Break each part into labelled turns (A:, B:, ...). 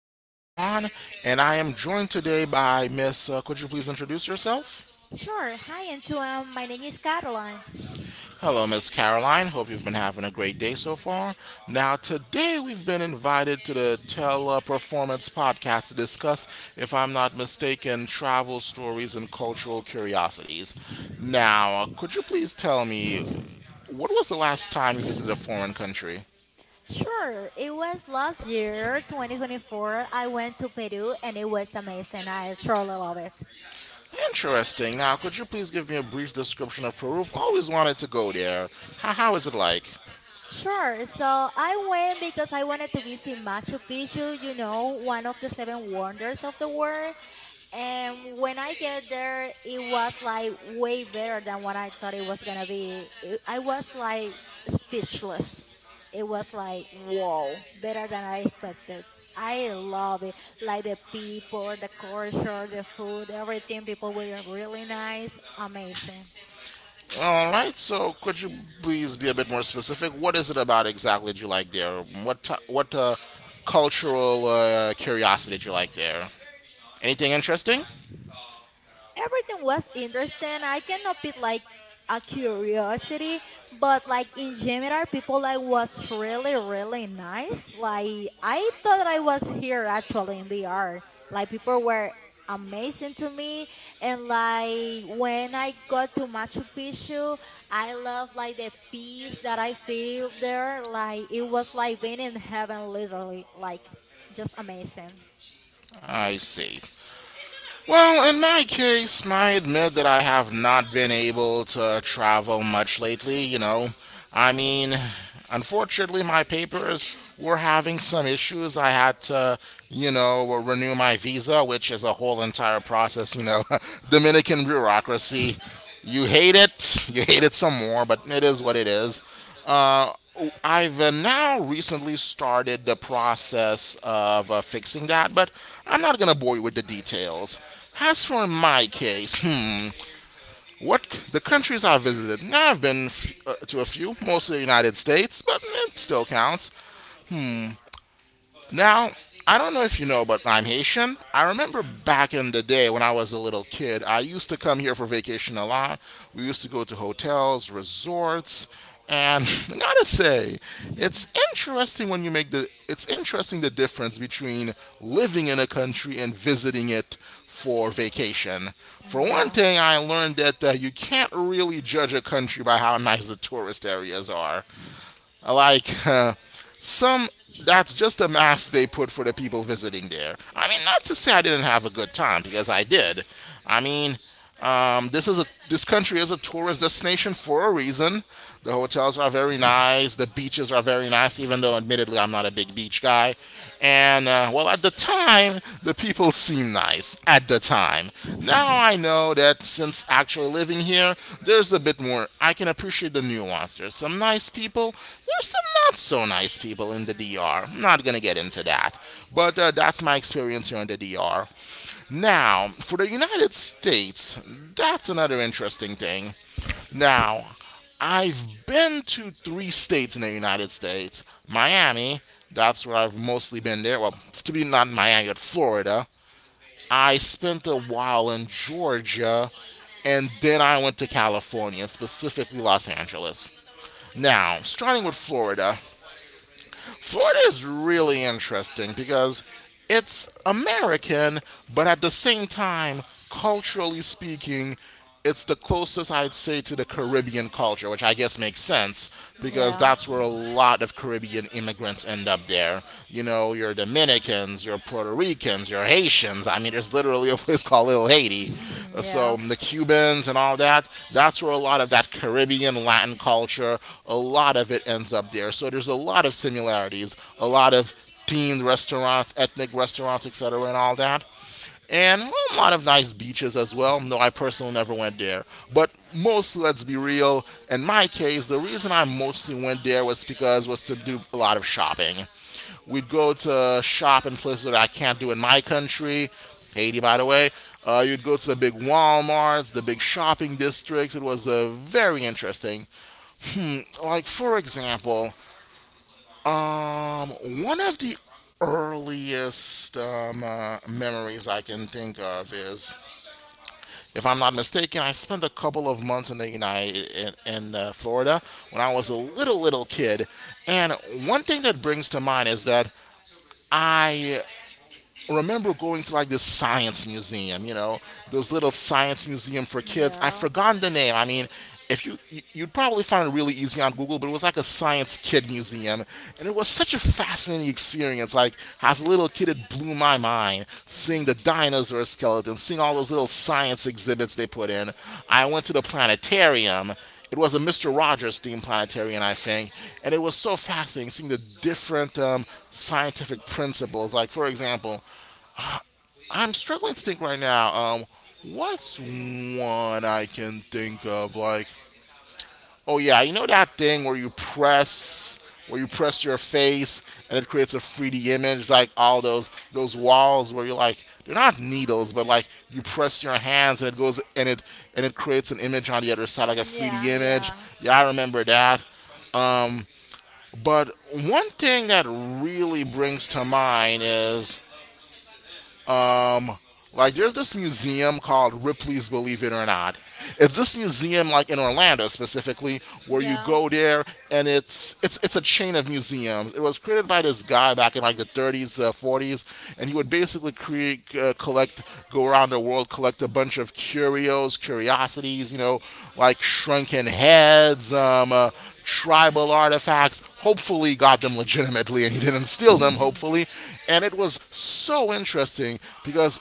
A: is Antoine, and I am joined today by Miss. Could you please introduce yourself?
B: Sure. Hi, Antoine. My name is Caroline.
A: Hello, Miss Caroline. Hope you've been having a great day so far. Now, today we've been invited to the Teleperformance podcast to discuss, if I'm not mistaken, travel stories and cultural curiosities. Now, could you please tell me what was the last time you visited a foreign country?
B: Sure. It was last year, 2024. I went to Peru and it was amazing. I truly love it.
A: Interesting. Now, could you please give me a brief description of Peru? I've always wanted to go there. How is it like?
B: Sure. So I went because I wanted to visit Machu Picchu, one of the seven wonders of the world. And when I get there, it was like way better than what I thought it was gonna be. I was like speechless. It was like whoa, better than I expected. I love it. Like the people, the culture, the food, everything. People were really nice, amazing.
A: All right, so could you please be a bit more specific? What is it about exactly that you like there? What cultural curiosity did you like there? Anything interesting?
B: Everything was interesting. I cannot be like a curiosity, but like in general, people like was really really nice. Like I thought I was here actually in the art. Like people were amazing to me and like when I got to Machu Picchu I love like the peace that I feel there like it was like being in heaven literally like just amazing.
A: I see. Well, in my case, I admit that I have not been able to travel much lately, you know. I mean, unfortunately, my papers were having some issues. I had to, you know, renew my visa, which is a whole entire process, you know. Dominican bureaucracy. You hate it. You hate it some more, but it is what it is. Uh, I've now recently started the process of fixing that, but I'm not gonna bore you with the details. As for my case, the countries I visited? I've been to a few, mostly the United States, but it still counts. Now, I don't know if you know, but I'm Haitian. I remember back in the day when I was a little kid, I used to come here for vacation a lot. We used to go to hotels, resorts, and I gotta say, it's interesting when you make the it's interesting the difference between living in a country and visiting it for vacation. For one
B: Yeah.
A: thing, I learned that you can't really judge a country by how nice the tourist areas are. Like some that's just a mask they put for the people visiting there. I mean, not to say I didn't have a good time because I did. I mean, this country is a tourist destination for a reason. The hotels are very nice. The beaches are very nice, even though admittedly I'm not a big beach guy. And well, at the time, the people seemed nice. At the time, now I know that since actually living here, there's a bit more. I can appreciate the nuance. There's some nice people. There's some not so nice people in the doctor I'm not gonna get into that, but that's my experience here in the DR. Now, for the United States, that's another interesting thing. Now, I've been to three states in the United States Miami, that's where I've mostly been there. Well, to be not Miami, but Florida. I spent a while in Georgia and then I went to California, specifically Los Angeles. Now, starting with Florida, Florida is really interesting because it's American, but at the same time, culturally speaking, it's the closest I'd say to the Caribbean culture, which I guess makes sense because
B: Yeah.
A: that's where a lot of Caribbean immigrants end up there. You know, your Dominicans, your Puerto Ricans, your Haitians. I mean, there's literally a place called Little Haiti. So
B: Yeah,
A: the Cubans and all that, that's where a lot of that Caribbean Latin culture, a lot of it ends up there. So there's a lot of similarities, a lot of themed restaurants, ethnic restaurants, etc., and all that. And a lot of nice beaches as well. No, I personally never went there. But mostly, let's be real, in my case, the reason I mostly went there was to do a lot of shopping. We'd go to shop in places that I can't do in my country, Haiti, by the way. You'd go to the big Walmarts, the big shopping districts. It was very interesting. Like, for example, um, one of the earliest memories I can think of is, if I'm not mistaken, I spent a couple of months in Florida when I was a little kid, and one thing that brings to mind is that I remember going to like this science museum, you know, those little science museum for kids. I've
B: yeah.
A: forgotten the name. I mean, if you you'd probably find it really easy on Google, but it was like a science kid museum, and it was such a fascinating experience. Like as a little kid, it blew my mind seeing the dinosaur skeletons, seeing all those little science exhibits they put in. I went to the planetarium. It was a Mr. Rogers themed planetarium, I think, and it was so fascinating seeing the different scientific principles. Like, for example, I'm struggling to think right now. What's one I can think of? Like, oh yeah, you know that thing where where you press your face and it creates a 3D image, like all those walls where you're like, they're not needles, but like you press your hands and it goes and it creates an image on the other side, like a 3D
B: Yeah,
A: image.
B: yeah,
A: Yeah, I remember that. Um, but one thing that really brings to mind is Like there's this museum called Ripley's Believe It or Not. It's this museum like in Orlando specifically where you
B: yeah.
A: go there and it's a chain of museums. It was created by this guy back in like the 30s, 40s, and he would basically create collect go around the world collect a bunch of curiosities, you know, like shrunken heads, tribal artifacts. Hopefully, got them legitimately, and he didn't steal them. Hopefully, and it was so interesting because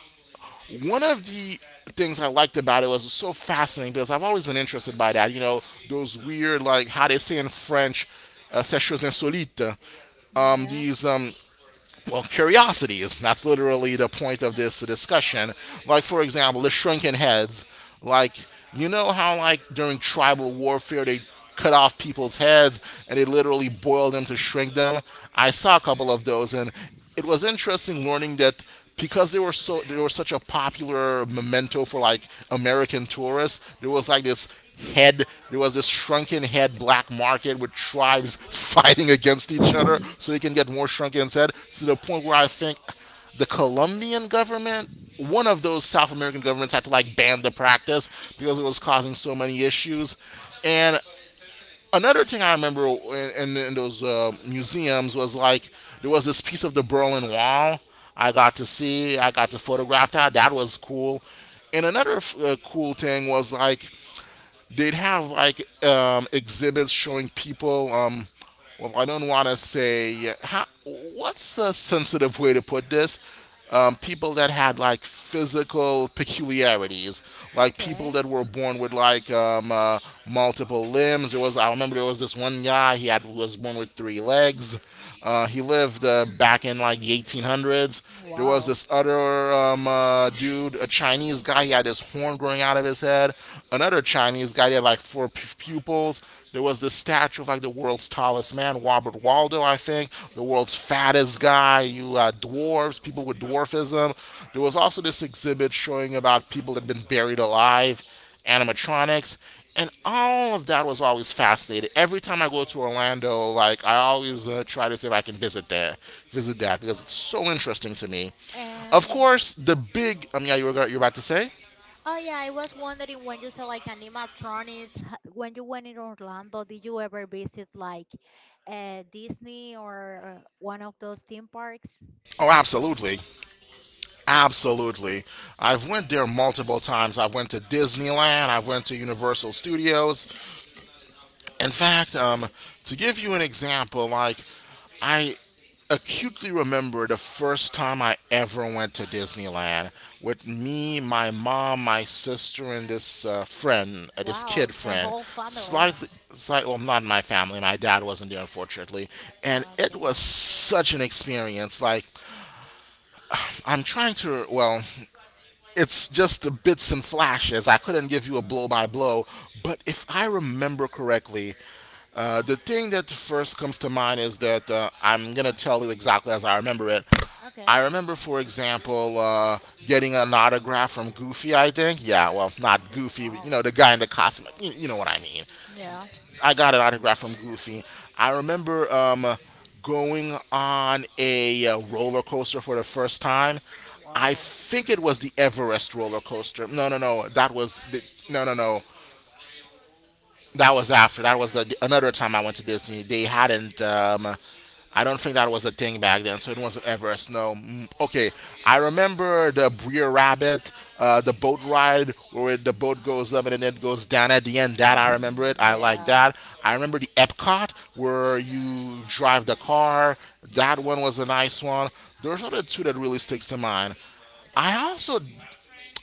A: one of the things I liked about it was so fascinating because I've always been interested by that. You know, those weird, like how they say in French, ces choses insolites. Um,
B: Yeah.
A: these, um, well, curiosities. That's literally the point of this discussion. Like, for example, the shrunken heads. Like, you know how, like, during tribal warfare, they cut off people's heads and they literally boil them to shrink them? I saw a couple of those, and it was interesting learning that because they were such a popular memento for like American tourists, there was like this head there was this shrunken head black market with tribes fighting against each other so they can get more shrunken head to the point where I think the Colombian government one of those South American governments had to like ban the practice because it was causing so many issues. And another thing I remember in those museums was like there was this piece of the Berlin Wall I got to see. I got to photograph that. That was cool. And another cool thing was like they'd have like exhibits showing people. Well, I don't want to say how, what's a sensitive way to put this. People that had like physical peculiarities, like people
B: Okay.
A: that were born with like multiple limbs. There was I remember there was this one guy he had was born with three legs. He lived back in like the 1800s. There was
B: Wow.
A: this other dude, a Chinese guy. He had this horn growing out of his head. Another Chinese guy. He had like four pupils. There was this statue of like the world's tallest man, Robert Waldo, I think. The world's fattest guy. You dwarves, people with dwarfism. There was also this exhibit showing about people that had been buried alive animatronics, and all of that was always fascinated. Every time I go to Orlando, like I always try to see if I can visit that because it's so interesting to me. Of
B: Um.
A: course, the big yeah, you're about to say.
B: Oh yeah, I was wondering when you said like animatronics, when you went in Orlando, did you ever visit like Disney or one of those theme parks?
A: Oh, absolutely. Absolutely. I've went there multiple times. I've went to Disneyland, I've went to Universal Studios, In fact, to give you an example, like I acutely remember the first time I ever went to Disneyland with me, my mom, my sister, and this friend, this
B: Wow,
A: kid
B: the
A: friend.
B: whole family.
A: Well, not in my family. My dad wasn't there, unfortunately, and it
B: Okay.
A: was such an experience. Like I'm trying to, well, it's just the bits and flashes. I couldn't give you a blow by blow, but if I remember correctly, the thing that first comes to mind is that I'm gonna tell you exactly as I remember it.
B: Okay.
A: I remember, for example, getting an autograph from Goofy. I think, yeah, well, not Goofy, but you
B: Wow.
A: know, the guy in the costume. You know what I mean?
B: Yeah.
A: I got an autograph from Goofy. I remember going on a roller coaster for the first time. I
B: Wow.
A: think it was the Everest roller coaster. No, no, no. That was the no, no, no. That was after. That was the another time I went to Disney. They hadn't. I don't think that was a thing back then, so it wasn't Everest. Snow. Mm, okay, I remember the Breer Rabbit, the boat ride where the boat goes up and then it goes down at the end. That I remember it.
B: Mhm.
A: I like
B: Yeah.
A: that. I remember the Epcot where you drive the car. That one was a nice one. There's other two that really sticks to mind. I also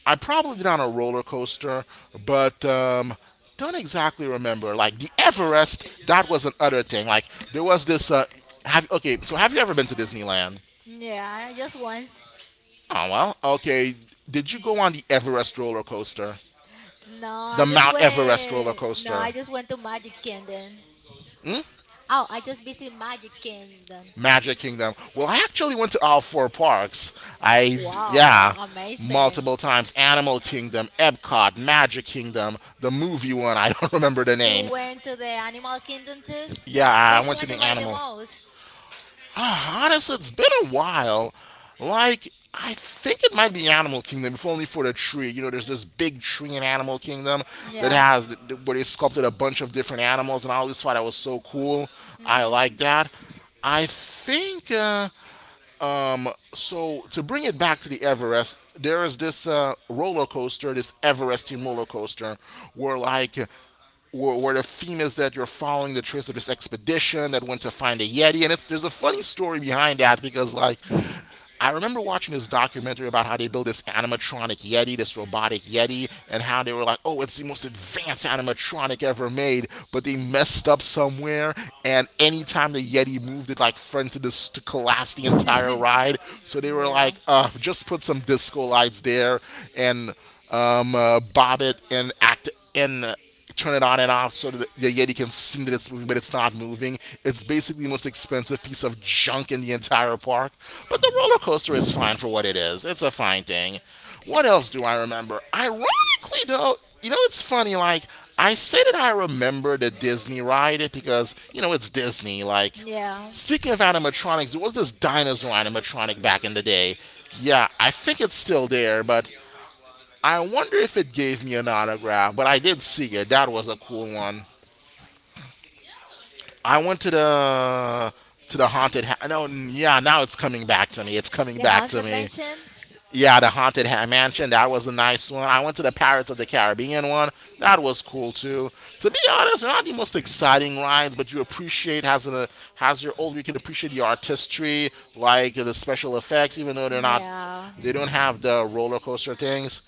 A: I probably been on a roller coaster, but don't exactly remember. Like the Everest, that was an utter thing. Like there was this. Have okay. So have you ever been to Disneyland?
B: Yeah, just once.
A: Oh well. Okay. Did you go on the Everest roller coaster?
B: No,
A: The
B: I just
A: Mount Everest roller
B: went. No,
A: coaster?
B: I just went to Magic Kingdom.
A: Hmm?
B: Oh, I just visited Magic Kingdom.
A: Magic Kingdom. Well, I actually went to all four parks. I, yeah,
B: Wow, amazing.
A: multiple times. Animal Kingdom, Epcot, Magic Kingdom, the movie one, I don't remember the
B: You
A: name.
B: went to the Animal Kingdom too?
A: Yeah,
B: Which
A: I went to
B: one
A: the
B: you like the
A: animal.
B: most?
A: Honestly, it's been a while. Like, I think it might be Animal Kingdom, if only for the tree. You know, there's this big tree in Animal Kingdom that
B: Yeah.
A: has where they sculpted a bunch of different animals, and I always thought that was so cool. I like
B: Mm-hmm.
A: that. I think. So to bring it back to the Everest, there is this roller coaster, this Everesting roller coaster, where like where the theme is that you're following the trace of this expedition that went to find a Yeti, and there's a funny story behind that because like I remember watching this documentary about how they built this animatronic Yeti, this robotic Yeti, and how they were like, oh, it's the most advanced animatronic ever made, but they messed up somewhere, and anytime the Yeti moved, it like fronted this to collapse the entire ride. So they were
B: Yeah.
A: like, just put some disco lights there and bob it and act and turn it on and off so that the Yeti can see that it's moving, but it's not moving. It's basically the most expensive piece of junk in the entire park. But the roller coaster is fine for what it is. It's a fine thing. What else do I remember? Ironically, though, you know, it's funny. Like, I say that I remember the Disney ride because, you know, it's Disney. Like,
B: Yeah.
A: speaking of animatronics, there was this dinosaur animatronic back in the day. Yeah, I think it's still there, but I wonder if it gave me an autograph, but I did see it. That was a cool one. I went to the haunted. Ha- no, yeah, now it's coming back to me. It's coming
B: The
A: back to
B: Haunted
A: me.
B: Mansion?
A: Yeah, the haunted ha- mansion. That was a nice one. I went to the Pirates of the Caribbean one. That was cool too. To be honest, they're not the most exciting rides, but you appreciate has an has your old. You can appreciate the artistry, like the special effects, even though they're not
B: Yeah.
A: they don't have the roller coaster things.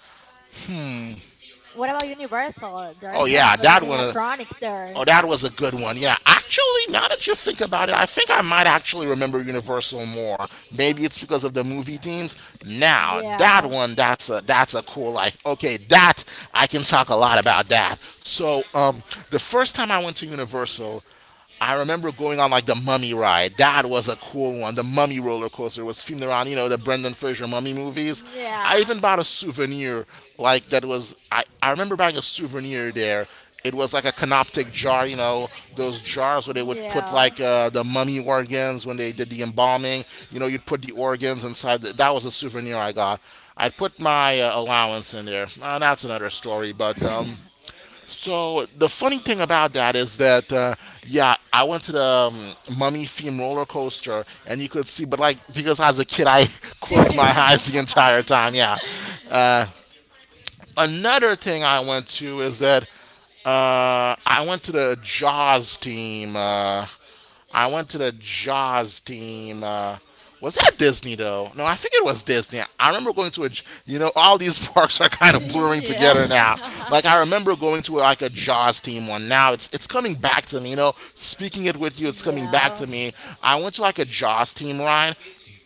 B: What about Universal? There are
A: Oh
B: some
A: yeah,
B: good
A: that one.
B: animatronics there.
A: Oh, that was a good one. Yeah, actually, now that you think about it, I think I might actually remember Universal more. Maybe it's because of the movie themes. Now, that
B: Yeah.
A: one, that's a cool. Like, okay, that I can talk a lot about that. So, the first time I went to Universal, I remember going on like the Mummy ride. That was a cool one. The Mummy roller coaster was filmed around, you know, the Brendan Fraser Mummy movies. I
B: Yeah.
A: even bought a souvenir like that was. I remember buying a souvenir there. It was like a canoptic jar, you know, those jars where they would put
B: Yeah.
A: like the mummy organs when they did the embalming. You know, you'd put the organs inside. The, that was a souvenir I got. I put my allowance in there. That's another story, but so the funny thing about that is that yeah, I went to the mummy theme roller coaster, and you could see, but like because I was a kid, I closed my eyes the entire time. Yeah. Uh, Another thing I went to is that I went to the Jaws theme. I went to the Jaws team. Was that Disney though? No, I think it was Disney. I remember going to a, J- you know, all these parks are kind of blurring
B: Yeah.
A: together now. Like I remember going to like a Jaws team one. Now it's coming back to me. You know, speaking it with you, it's coming back
B: Yeah.
A: to me. I went to like a Jaws team ride.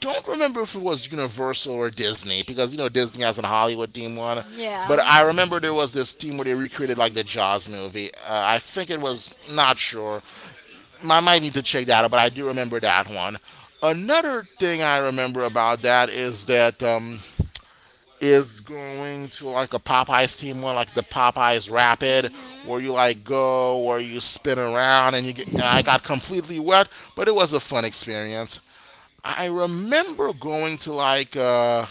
A: Don't remember if it was Universal or Disney because you know Disney has a Hollywood team one, but
B: Yeah.
A: I remember there was this team where they recreated like the Jaws movie. I think it was not sure, I might need to check that out, but I do remember that one. Another thing I remember about that is going to like a Popeyes team one, like the Popeyes Rapid,
B: Mhm.
A: where you like go, where you spin around, and you get. And I got completely wet, but it was a fun experience. I remember going to like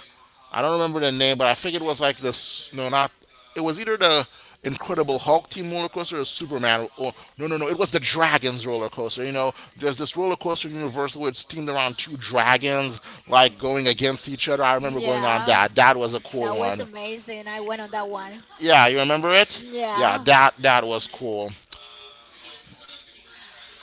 A: I don't remember the name, but I think it was like this. No, not it was either the Incredible Hulk team roller coaster or Superman or no, no, no. It was the Dragons roller coaster. You know, there's this roller coaster in Universal where it's themed around two dragons like going against each other. I remember going on
B: Yeah.
A: that. That was a cool
B: That
A: one.
B: was amazing. I went on that one.
A: Yeah, you remember it? Yeah,
B: Yeah.
A: that was cool.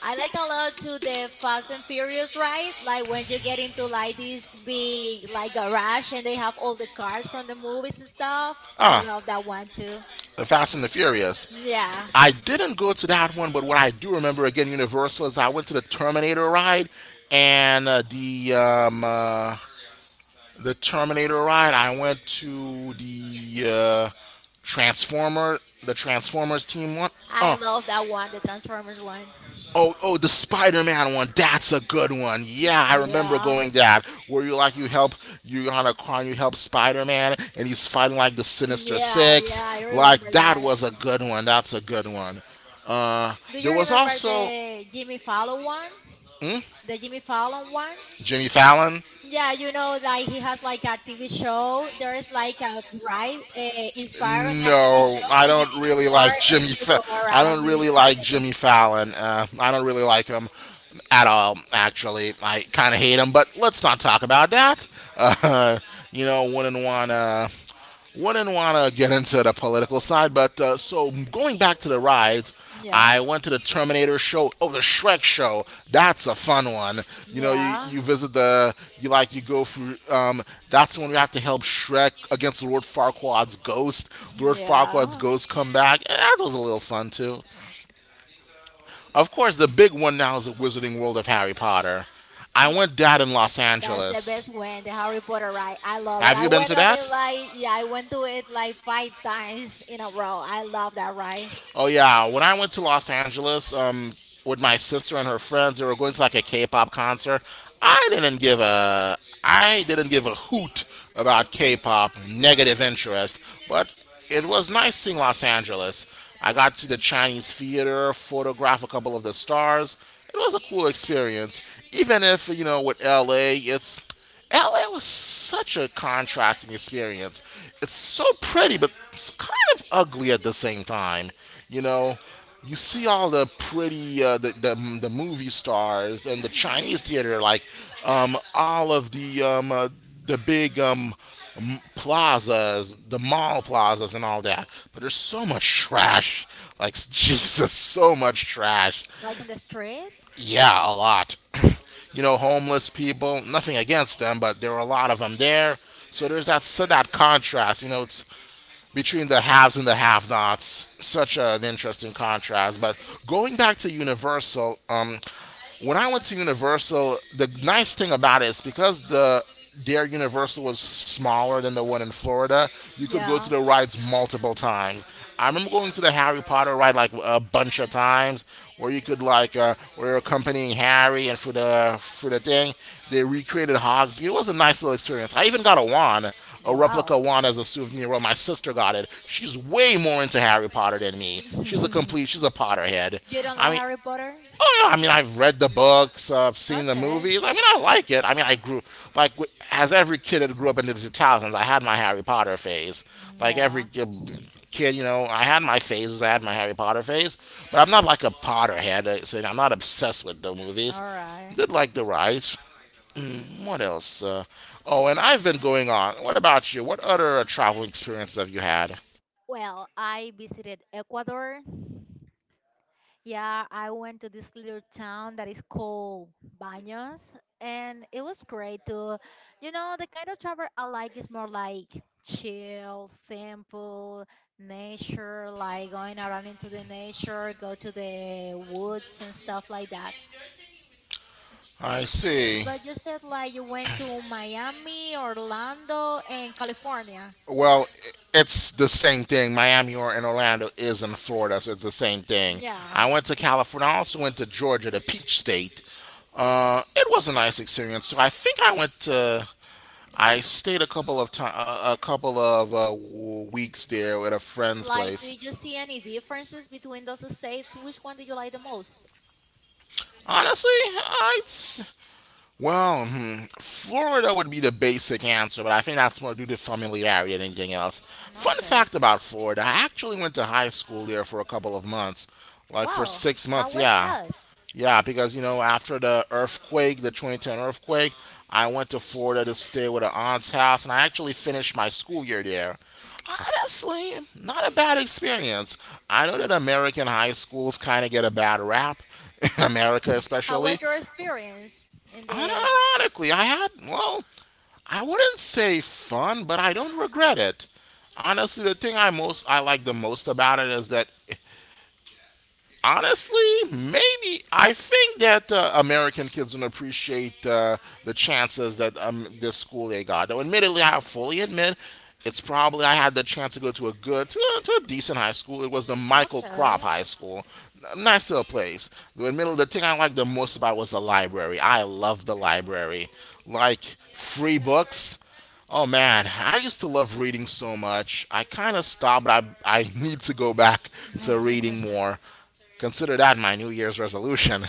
B: I like a lot to the Fast and Furious ride. Like when you get into like this big like garage and they have all the cars from the movies and stuff. I
A: Ah,
B: love that one too.
A: the Fast and the Furious.
B: Yeah.
A: I didn't go to that one, but what I do remember again, Universal, is I went to the Terminator ride, and the Terminator ride. I went to the Transformer, the Transformers team one.
B: I
A: I Oh,
B: love that one, the Transformers one.
A: Oh, oh, The Spider-Man one. That's a good one. Yeah, I remember
B: Yeah.
A: going that. Where you like you help you on a car, and you help Spider-Man, and he's fighting like the Sinister
B: Yeah,
A: Six.
B: yeah, I
A: Like
B: remember
A: that
B: that.
A: was a good one. That's a good one. Uh,
B: Do
A: there
B: you
A: was
B: remember
A: also.
B: the Jimmy Fallon one?
A: Hmm?
B: The Jimmy Fallon one?
A: Jimmy Fallon.
B: Yeah, like he has like a TV show. There's like a ride inspired on that TV
A: No,
B: show.
A: I
B: You get
A: don't really like
B: bored and
A: Jimmy.
B: you
A: Fa-
B: go
A: I
B: around
A: don't
B: New
A: really
B: York
A: like
B: City.
A: Jimmy Fallon. I don't really like him at all. Actually, I kind of hate him. But let's not talk about that. Uh, you know, wouldn't want to get into the political side, but so going back to the rides,
B: Yeah,
A: I went to the Terminator show. Oh, the Shrek show. That's a fun one. You know,
B: yeah,
A: you visit you like, you go through, that's when we have to help Shrek against Lord Farquaad's ghost. Lord Farquaad's
B: yeah.
A: ghost come back. Eh, that was a little fun too. Of course, the big one now is the Wizarding World of Harry Potter. I
B: Y-
A: went that in Los
B: That's the best
A: Angeles.
B: one, the Harry Potter ride. I love it.
A: Have
B: I
A: you been
B: went
A: to
B: on it
A: that?
B: like, yeah, I went to it like five times in a row. I love that ride.
A: Oh yeah, when I went to Los Angeles with my sister and her friends, they were going to like a K-pop concert. I didn't give a I didn't give a hoot about K-pop, negative interest, but it was nice seeing Los Angeles. I got to the Chinese theater, photograph a couple of the stars. It was a cool experience, even if you know with LA, it's LA was such a contrasting experience. It's so pretty, but s- kind of ugly at the same time. You know, you see all the pretty, the movie stars and the Chinese
B: hmm
A: theater, like um, all of the, um, uh, the big m- plazas, the mall plazas, and all that. But there's so much trash. Like, Jesus, so much trash.
B: Like on the street?
A: Yeah, a lot. You know, homeless people. Nothing against them, but there were a lot of them there. So there's that so that contrast. You know, it's between the haves and the have nots. Such an interesting contrast. But going back to Universal, when I went to Universal, the nice thing about it is because the their Universal was smaller than the one in Florida, you could go to
B: Yeah.
A: the rides multiple times. I remember going to the Harry Potter ride like a bunch of times, where you could like where you're accompanying Harry and for the thing they recreated Hogsmeade. It was a nice little experience. I even got a wand a replica
B: Wow.
A: one as a souvenir. Well, my sister got it. She's way more into Harry Potter than me. She's a complete. She's a Potterhead.
B: You don't
A: I
B: like
A: mean.
B: Harry Potter?
A: Oh yeah, I mean I've read the books, I've seen the
B: Okay.
A: movies. I mean I like it. I mean I grew as every kid that grew up into the 2000s, I had my Harry Potter phase. Like every
B: Yeah.
A: g- kid, you know, I had my phases. I had my Harry Potter phase, but I'm not like a Potterhead. So I'm not obsessed with the movies.
B: All right.
A: Did like the rides. What else? Oh, and I've been going on. What about you? What other travel experiences have you had?
B: Well, I visited Ecuador. Yeah, I went to this little town that is called Baños, and it was great to, the kind of travel I like is more like chill, simple, nature, like going around into the nature, go to the woods and stuff like that.
A: I see.
B: But you said like you went to Miami, Orlando, and California.
A: Well, it's the same thing. Miami or in Orlando is in Florida, so it's the same thing.
B: Yeah.
A: I went to California. I also went to Georgia, the Peach State. It was a nice experience. So I think I went to. I stayed a couple of weeks there at a friend's
B: Like,
A: place.
B: did you see any differences between those states? Which one did you like the most?
A: Honestly, well, Florida would be the basic answer, but I think that's more due to familiarity than anything else. Fun
B: Okay.
A: fact about Florida, I actually went to high school there for a couple of months. Like for
B: Wow.
A: six
B: How
A: months,
B: was
A: yeah.
B: that?
A: Yeah, because, you know, after the earthquake, the 2010 earthquake, I went to Florida to stay with an aunt's house, and I actually finished my school year there. Honestly, not a bad experience. I know that American high schools kind of get a bad rap, in America
B: How
A: especially.
B: was your experience in the?
A: Unironically, I had, well, I wouldn't say fun, but I don't regret it. Honestly, the thing I like the most about it is that honestly, maybe I think that American kids don't appreciate the chances that this school they got. Now, admittedly, I fully admit it's probably I had the chance to go to a good, to a decent high school. It was the Michael Crop
B: Okay.
A: High School. Nice little place. The admittedly, the thing I liked the most about was the library. I love the library, like free books. Oh man, I used to love reading so much. I kind of stopped, but I need to go back to reading more. Consider that my New Year's resolution.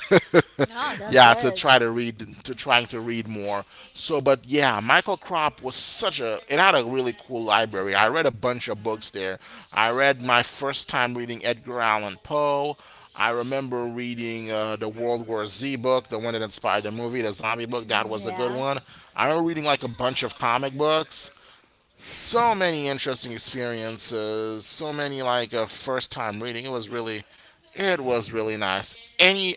B: No, that's
A: Yeah,
B: good.
A: to trying to read more. So, but yeah, Michael Crop was such a, it had a really cool library. I read a bunch of books there. I read my first time reading Edgar Allan Poe. I remember reading the World War Z book, the one that inspired the movie, the zombie book. That
B: Mm,
A: was a good
B: yeah.
A: one. I remember reading like a bunch of comic books. So many interesting experiences. So many like first time reading. It was really nice. Any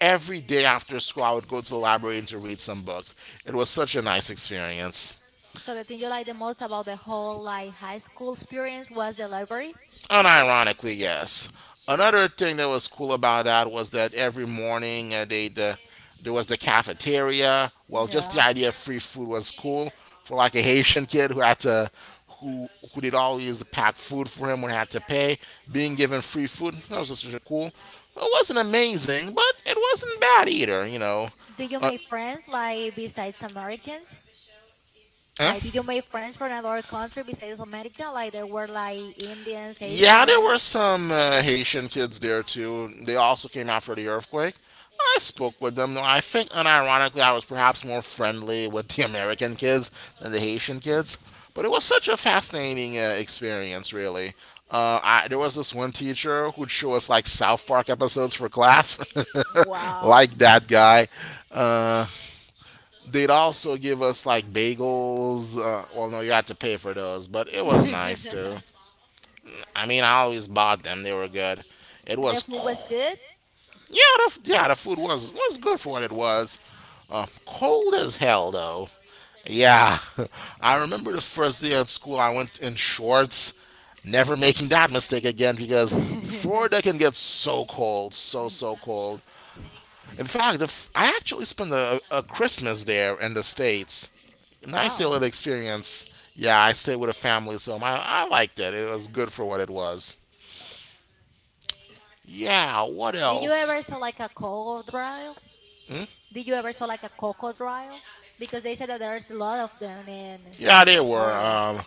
A: Every day after school, I would go to the library to read some books. It was such a nice experience.
B: So the thing you like the most about the whole like high school experience was the library?
A: Unironically, yes. Another thing that was cool about that was that every morning they the there was the cafeteria. Well, just the
B: Yeah.
A: idea of free food was cool for like a Haitian kid who had to who who did always pack food for him when he had to pay. Being given free food that was just really cool. It wasn't amazing, but it wasn't bad either. You know,
B: Did you make friends like besides Americans?
A: uh,
B: Like did you make friends from another country besides America? Like there were like Indians,
A: yeah, there
B: Asians.
A: were some Haitian kids there too. They also came after the earthquake. I spoke with them. Though. I think, unironically, I was perhaps more friendly with the American kids than the Haitian kids. But it was such a fascinating experience, really. There was this one teacher who'd show us like South Park episodes for class,
B: Wow.
A: like that guy. Uh, They'd also give us like bagels. Well, no, you had to pay for those, but it was nice too.
B: The
A: I mean, I always bought them. They were good. It was
B: food was
A: co-
B: good.
A: yeah, yeah, the food was good for what it was. Cold as hell though. Yeah, I remember the first day of school. I went in shorts. Never making that mistake again because Florida can get so cold, so cold. In fact, I actually spent a Christmas there in the states. Nice
B: Wow.
A: little experience. Yeah, I stayed with a family, so I liked it. It was good for what it was. Yeah, what
B: Did you ever
A: else?
B: saw like a crocodile? Did you ever saw like a crocodile? Because they said that there's a lot of them in
A: Yeah, they were.
B: Florida.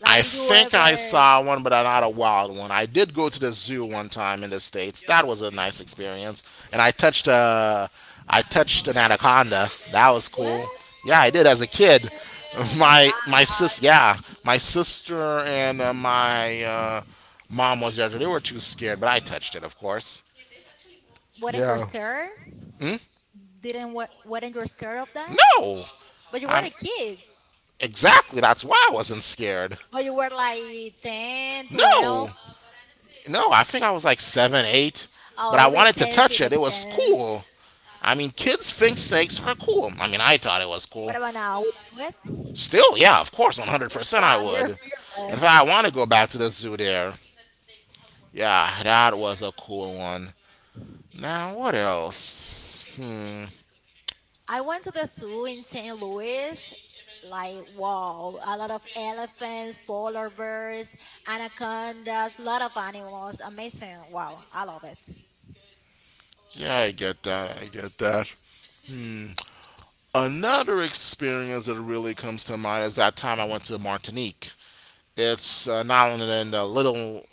B: Like,
A: I
B: did you
A: think I
B: ever?
A: saw one, but not a wild one. I did go to the zoo one time in the states. That was a nice experience, and I touched an anaconda. That was cool.
B: What?
A: Yeah, I did as a kid.
B: Oh my god!
A: Yeah, my sister and my mom was there. They were too scared, but I touched it, of course.
B: Weren't you
A: Yeah.
B: scared? Didn't weren't you scared of that?
A: No,
B: But you were
A: I'm
B: a kid.
A: Exactly. That's why I wasn't scared.
B: But you were like 10,
A: 10. No,
B: 12.
A: no. I think I was like seven, eight,
B: Oh,
A: but I
B: it makes
A: wanted to
B: sense.
A: touch
B: It
A: it. It
B: makes
A: was
B: sense.
A: cool. I mean, kids think snakes are cool. I mean, I thought it was cool.
B: What about now? What?
A: Still, yeah, of course, 100%
B: Wow,
A: I would.
B: you're
A: In
B: fearless.
A: fact, I want to go back to the zoo there. Yeah, that was a cool one. Now, what else? Hmm.
B: I went to the zoo in St. Louis. Like, wow, a lot of elephants, polar bears, anacondas, lot of animals. Amazing. Wow, I love it.
A: Yeah, I get that. I get that. Another experience that really comes to mind is that time I went to Martinique. It's now and then the little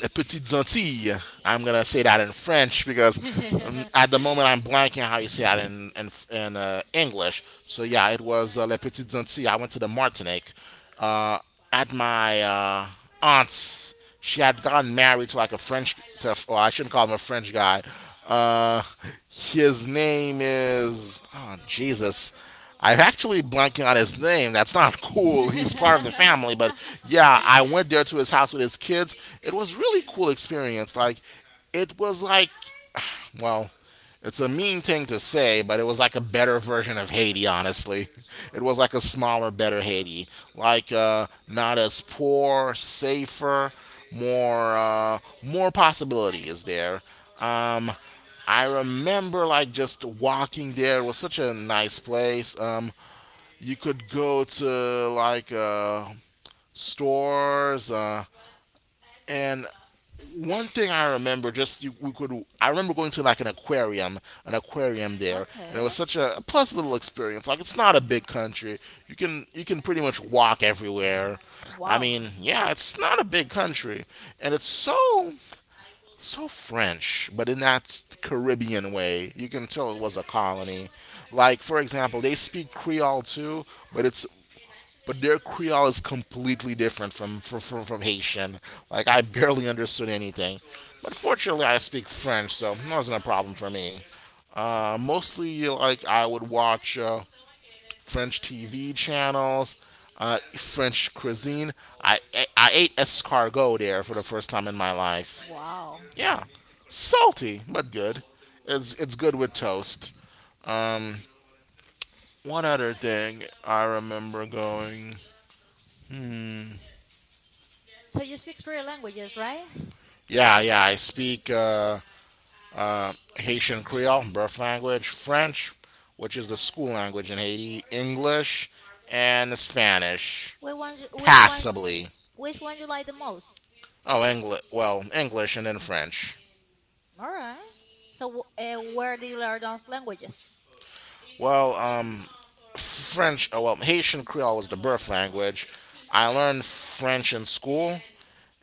A: Les Petites Antilles. I'm gonna say that in French because at the moment I'm blanking how you say that in in English. So yeah, it was Les Petites Antilles. I went to the Martinique uh, at my aunt's. She had gotten married to like a French. To, well, I shouldn't call him a French guy. Uh, his name is oh Jesus. I'm actually blanking on his name. That's not cool. He's part of the family, but yeah, I went there to his house with his kids. It was really cool experience. Like it was like well, it's a mean thing to say, but it was like a better version of Haiti, honestly. It was like a smaller, better Haiti. Like not as poor, safer, more more possibilities there. Um I remember like just walking there. It was such a nice place. You could go to like stores, and one thing I remember just you, we could. I remember going to like an aquarium there, and it was
B: Okay.
A: such a pleasant little experience. Like it's not a big country. You can pretty much walk everywhere. I
B: Wow.
A: mean, yeah, it's not a big country, and it's so French, but in that Caribbean way. You can tell it was a colony. Like for example, they speak Creole too, but it's but their Creole is completely different from Haitian. Like I barely understood anything, but fortunately I speak French, so it wasn't a problem for me. Mostly like I would watch French TV channels. French cuisine. I, I ate escargot there for the first time in my life.
B: Wow.
A: Yeah, salty but good. It's good with toast. Um, one other thing I remember going. Hmm.
B: So you speak three languages, right?
A: Yeah, yeah. I speak Haitian Creole, birth language, French, which is the school language in Haiti, English, and Spanish,
B: Which one, which one,
A: passably.
B: which one you like the most?
A: Oh, English. Well, English and then French.
B: All right. So, where do you learn those languages?
A: Well, French, oh, well, Haitian Creole was the birth language. I learned French in school,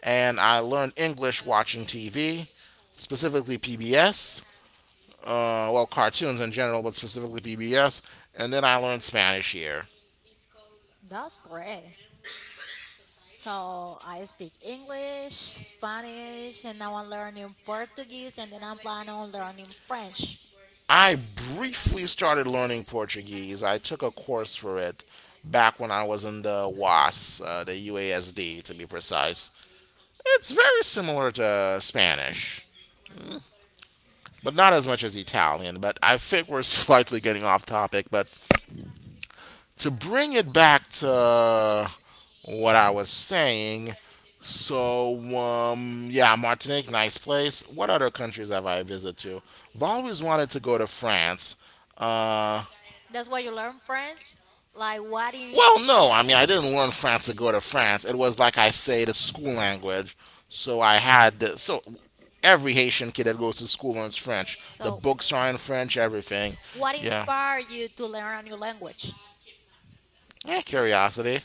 A: and I learned English watching TV, specifically PBS, well, cartoons in general, but specifically PBS, and then I learned Spanish here.
B: That's great. So, I speak English, Spanish, and now I'm learning Portuguese, and then I'm planning on learning French.
A: I briefly started learning Portuguese. I took a course for it back when I was in the UASD to be precise. It's very similar to Spanish, but not as much as Italian. But I think we're slightly getting off topic, but to bring it back to what I was saying, so yeah, Martinique, nice place. What other countries have I visited to? I've always wanted to go to France. Uh,
B: That's why you learn French? Like,
A: well, no, I mean I didn't learn France to go to France. It was like I say the school language. So I had so every Haitian kid that goes to school learns French. The
B: so
A: books are in French, everything.
B: what
A: Yeah.
B: inspired you to learn a new language?
A: Yeah, curiosity.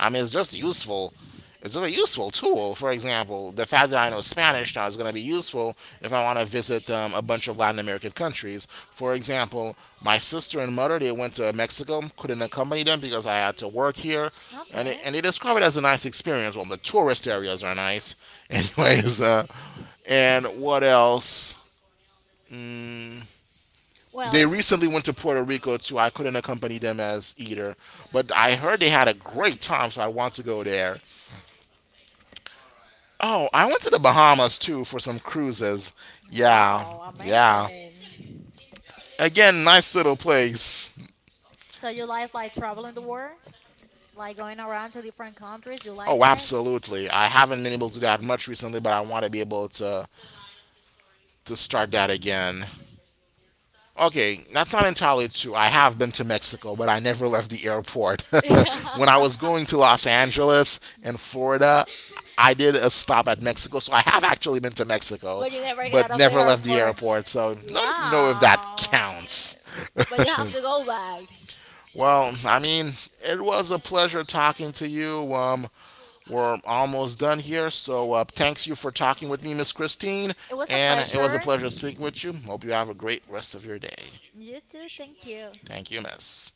A: I mean, it's just useful. It's just a useful tool. For example, the fact that I know Spanish now is going to be useful if I want to visit a bunch of Latin American countries. For example, my sister and mother they went to Mexico. Couldn't accompany them because I had to work here, and
B: Okay.
A: they describe it as a nice experience. Well, the tourist areas are nice, anyways. And what else? Mm, they
B: Well,
A: recently went to Puerto Rico too. I couldn't accompany them as either, but I heard they had a great time, so I want to go there. Oh, I went to the Bahamas too for some cruises. Yeah,
B: wow,
A: yeah.
B: amazing.
A: Again, nice little place.
B: So, you like traveling the world? Like going around to different countries? You like
A: Oh,
B: that?
A: absolutely. I haven't been able to do that much recently, but I want to be able to start that again. Okay, that's not entirely true. I have been to Mexico, but I never left the airport. When I was going to Los Angeles and Florida, I did a stop at Mexico, so I have actually been to Mexico, But
B: But
A: you
B: you
A: never
B: never get
A: got
B: out
A: but
B: of the
A: never left the airport.
B: airport.
A: Airport. So don't know if that Oh.
B: Wow.
A: counts.
B: But you have to go back.
A: Well, I mean, it was a pleasure talking to you. We're almost done here, so thanks you for talking with me, Miss Christine, It
B: It
A: was a
B: was a
A: and it was a
B: pleasure.
A: pleasure speaking with you. Hope you have a great rest of your day.
B: You too. Thank you.
A: Thank you, Miss.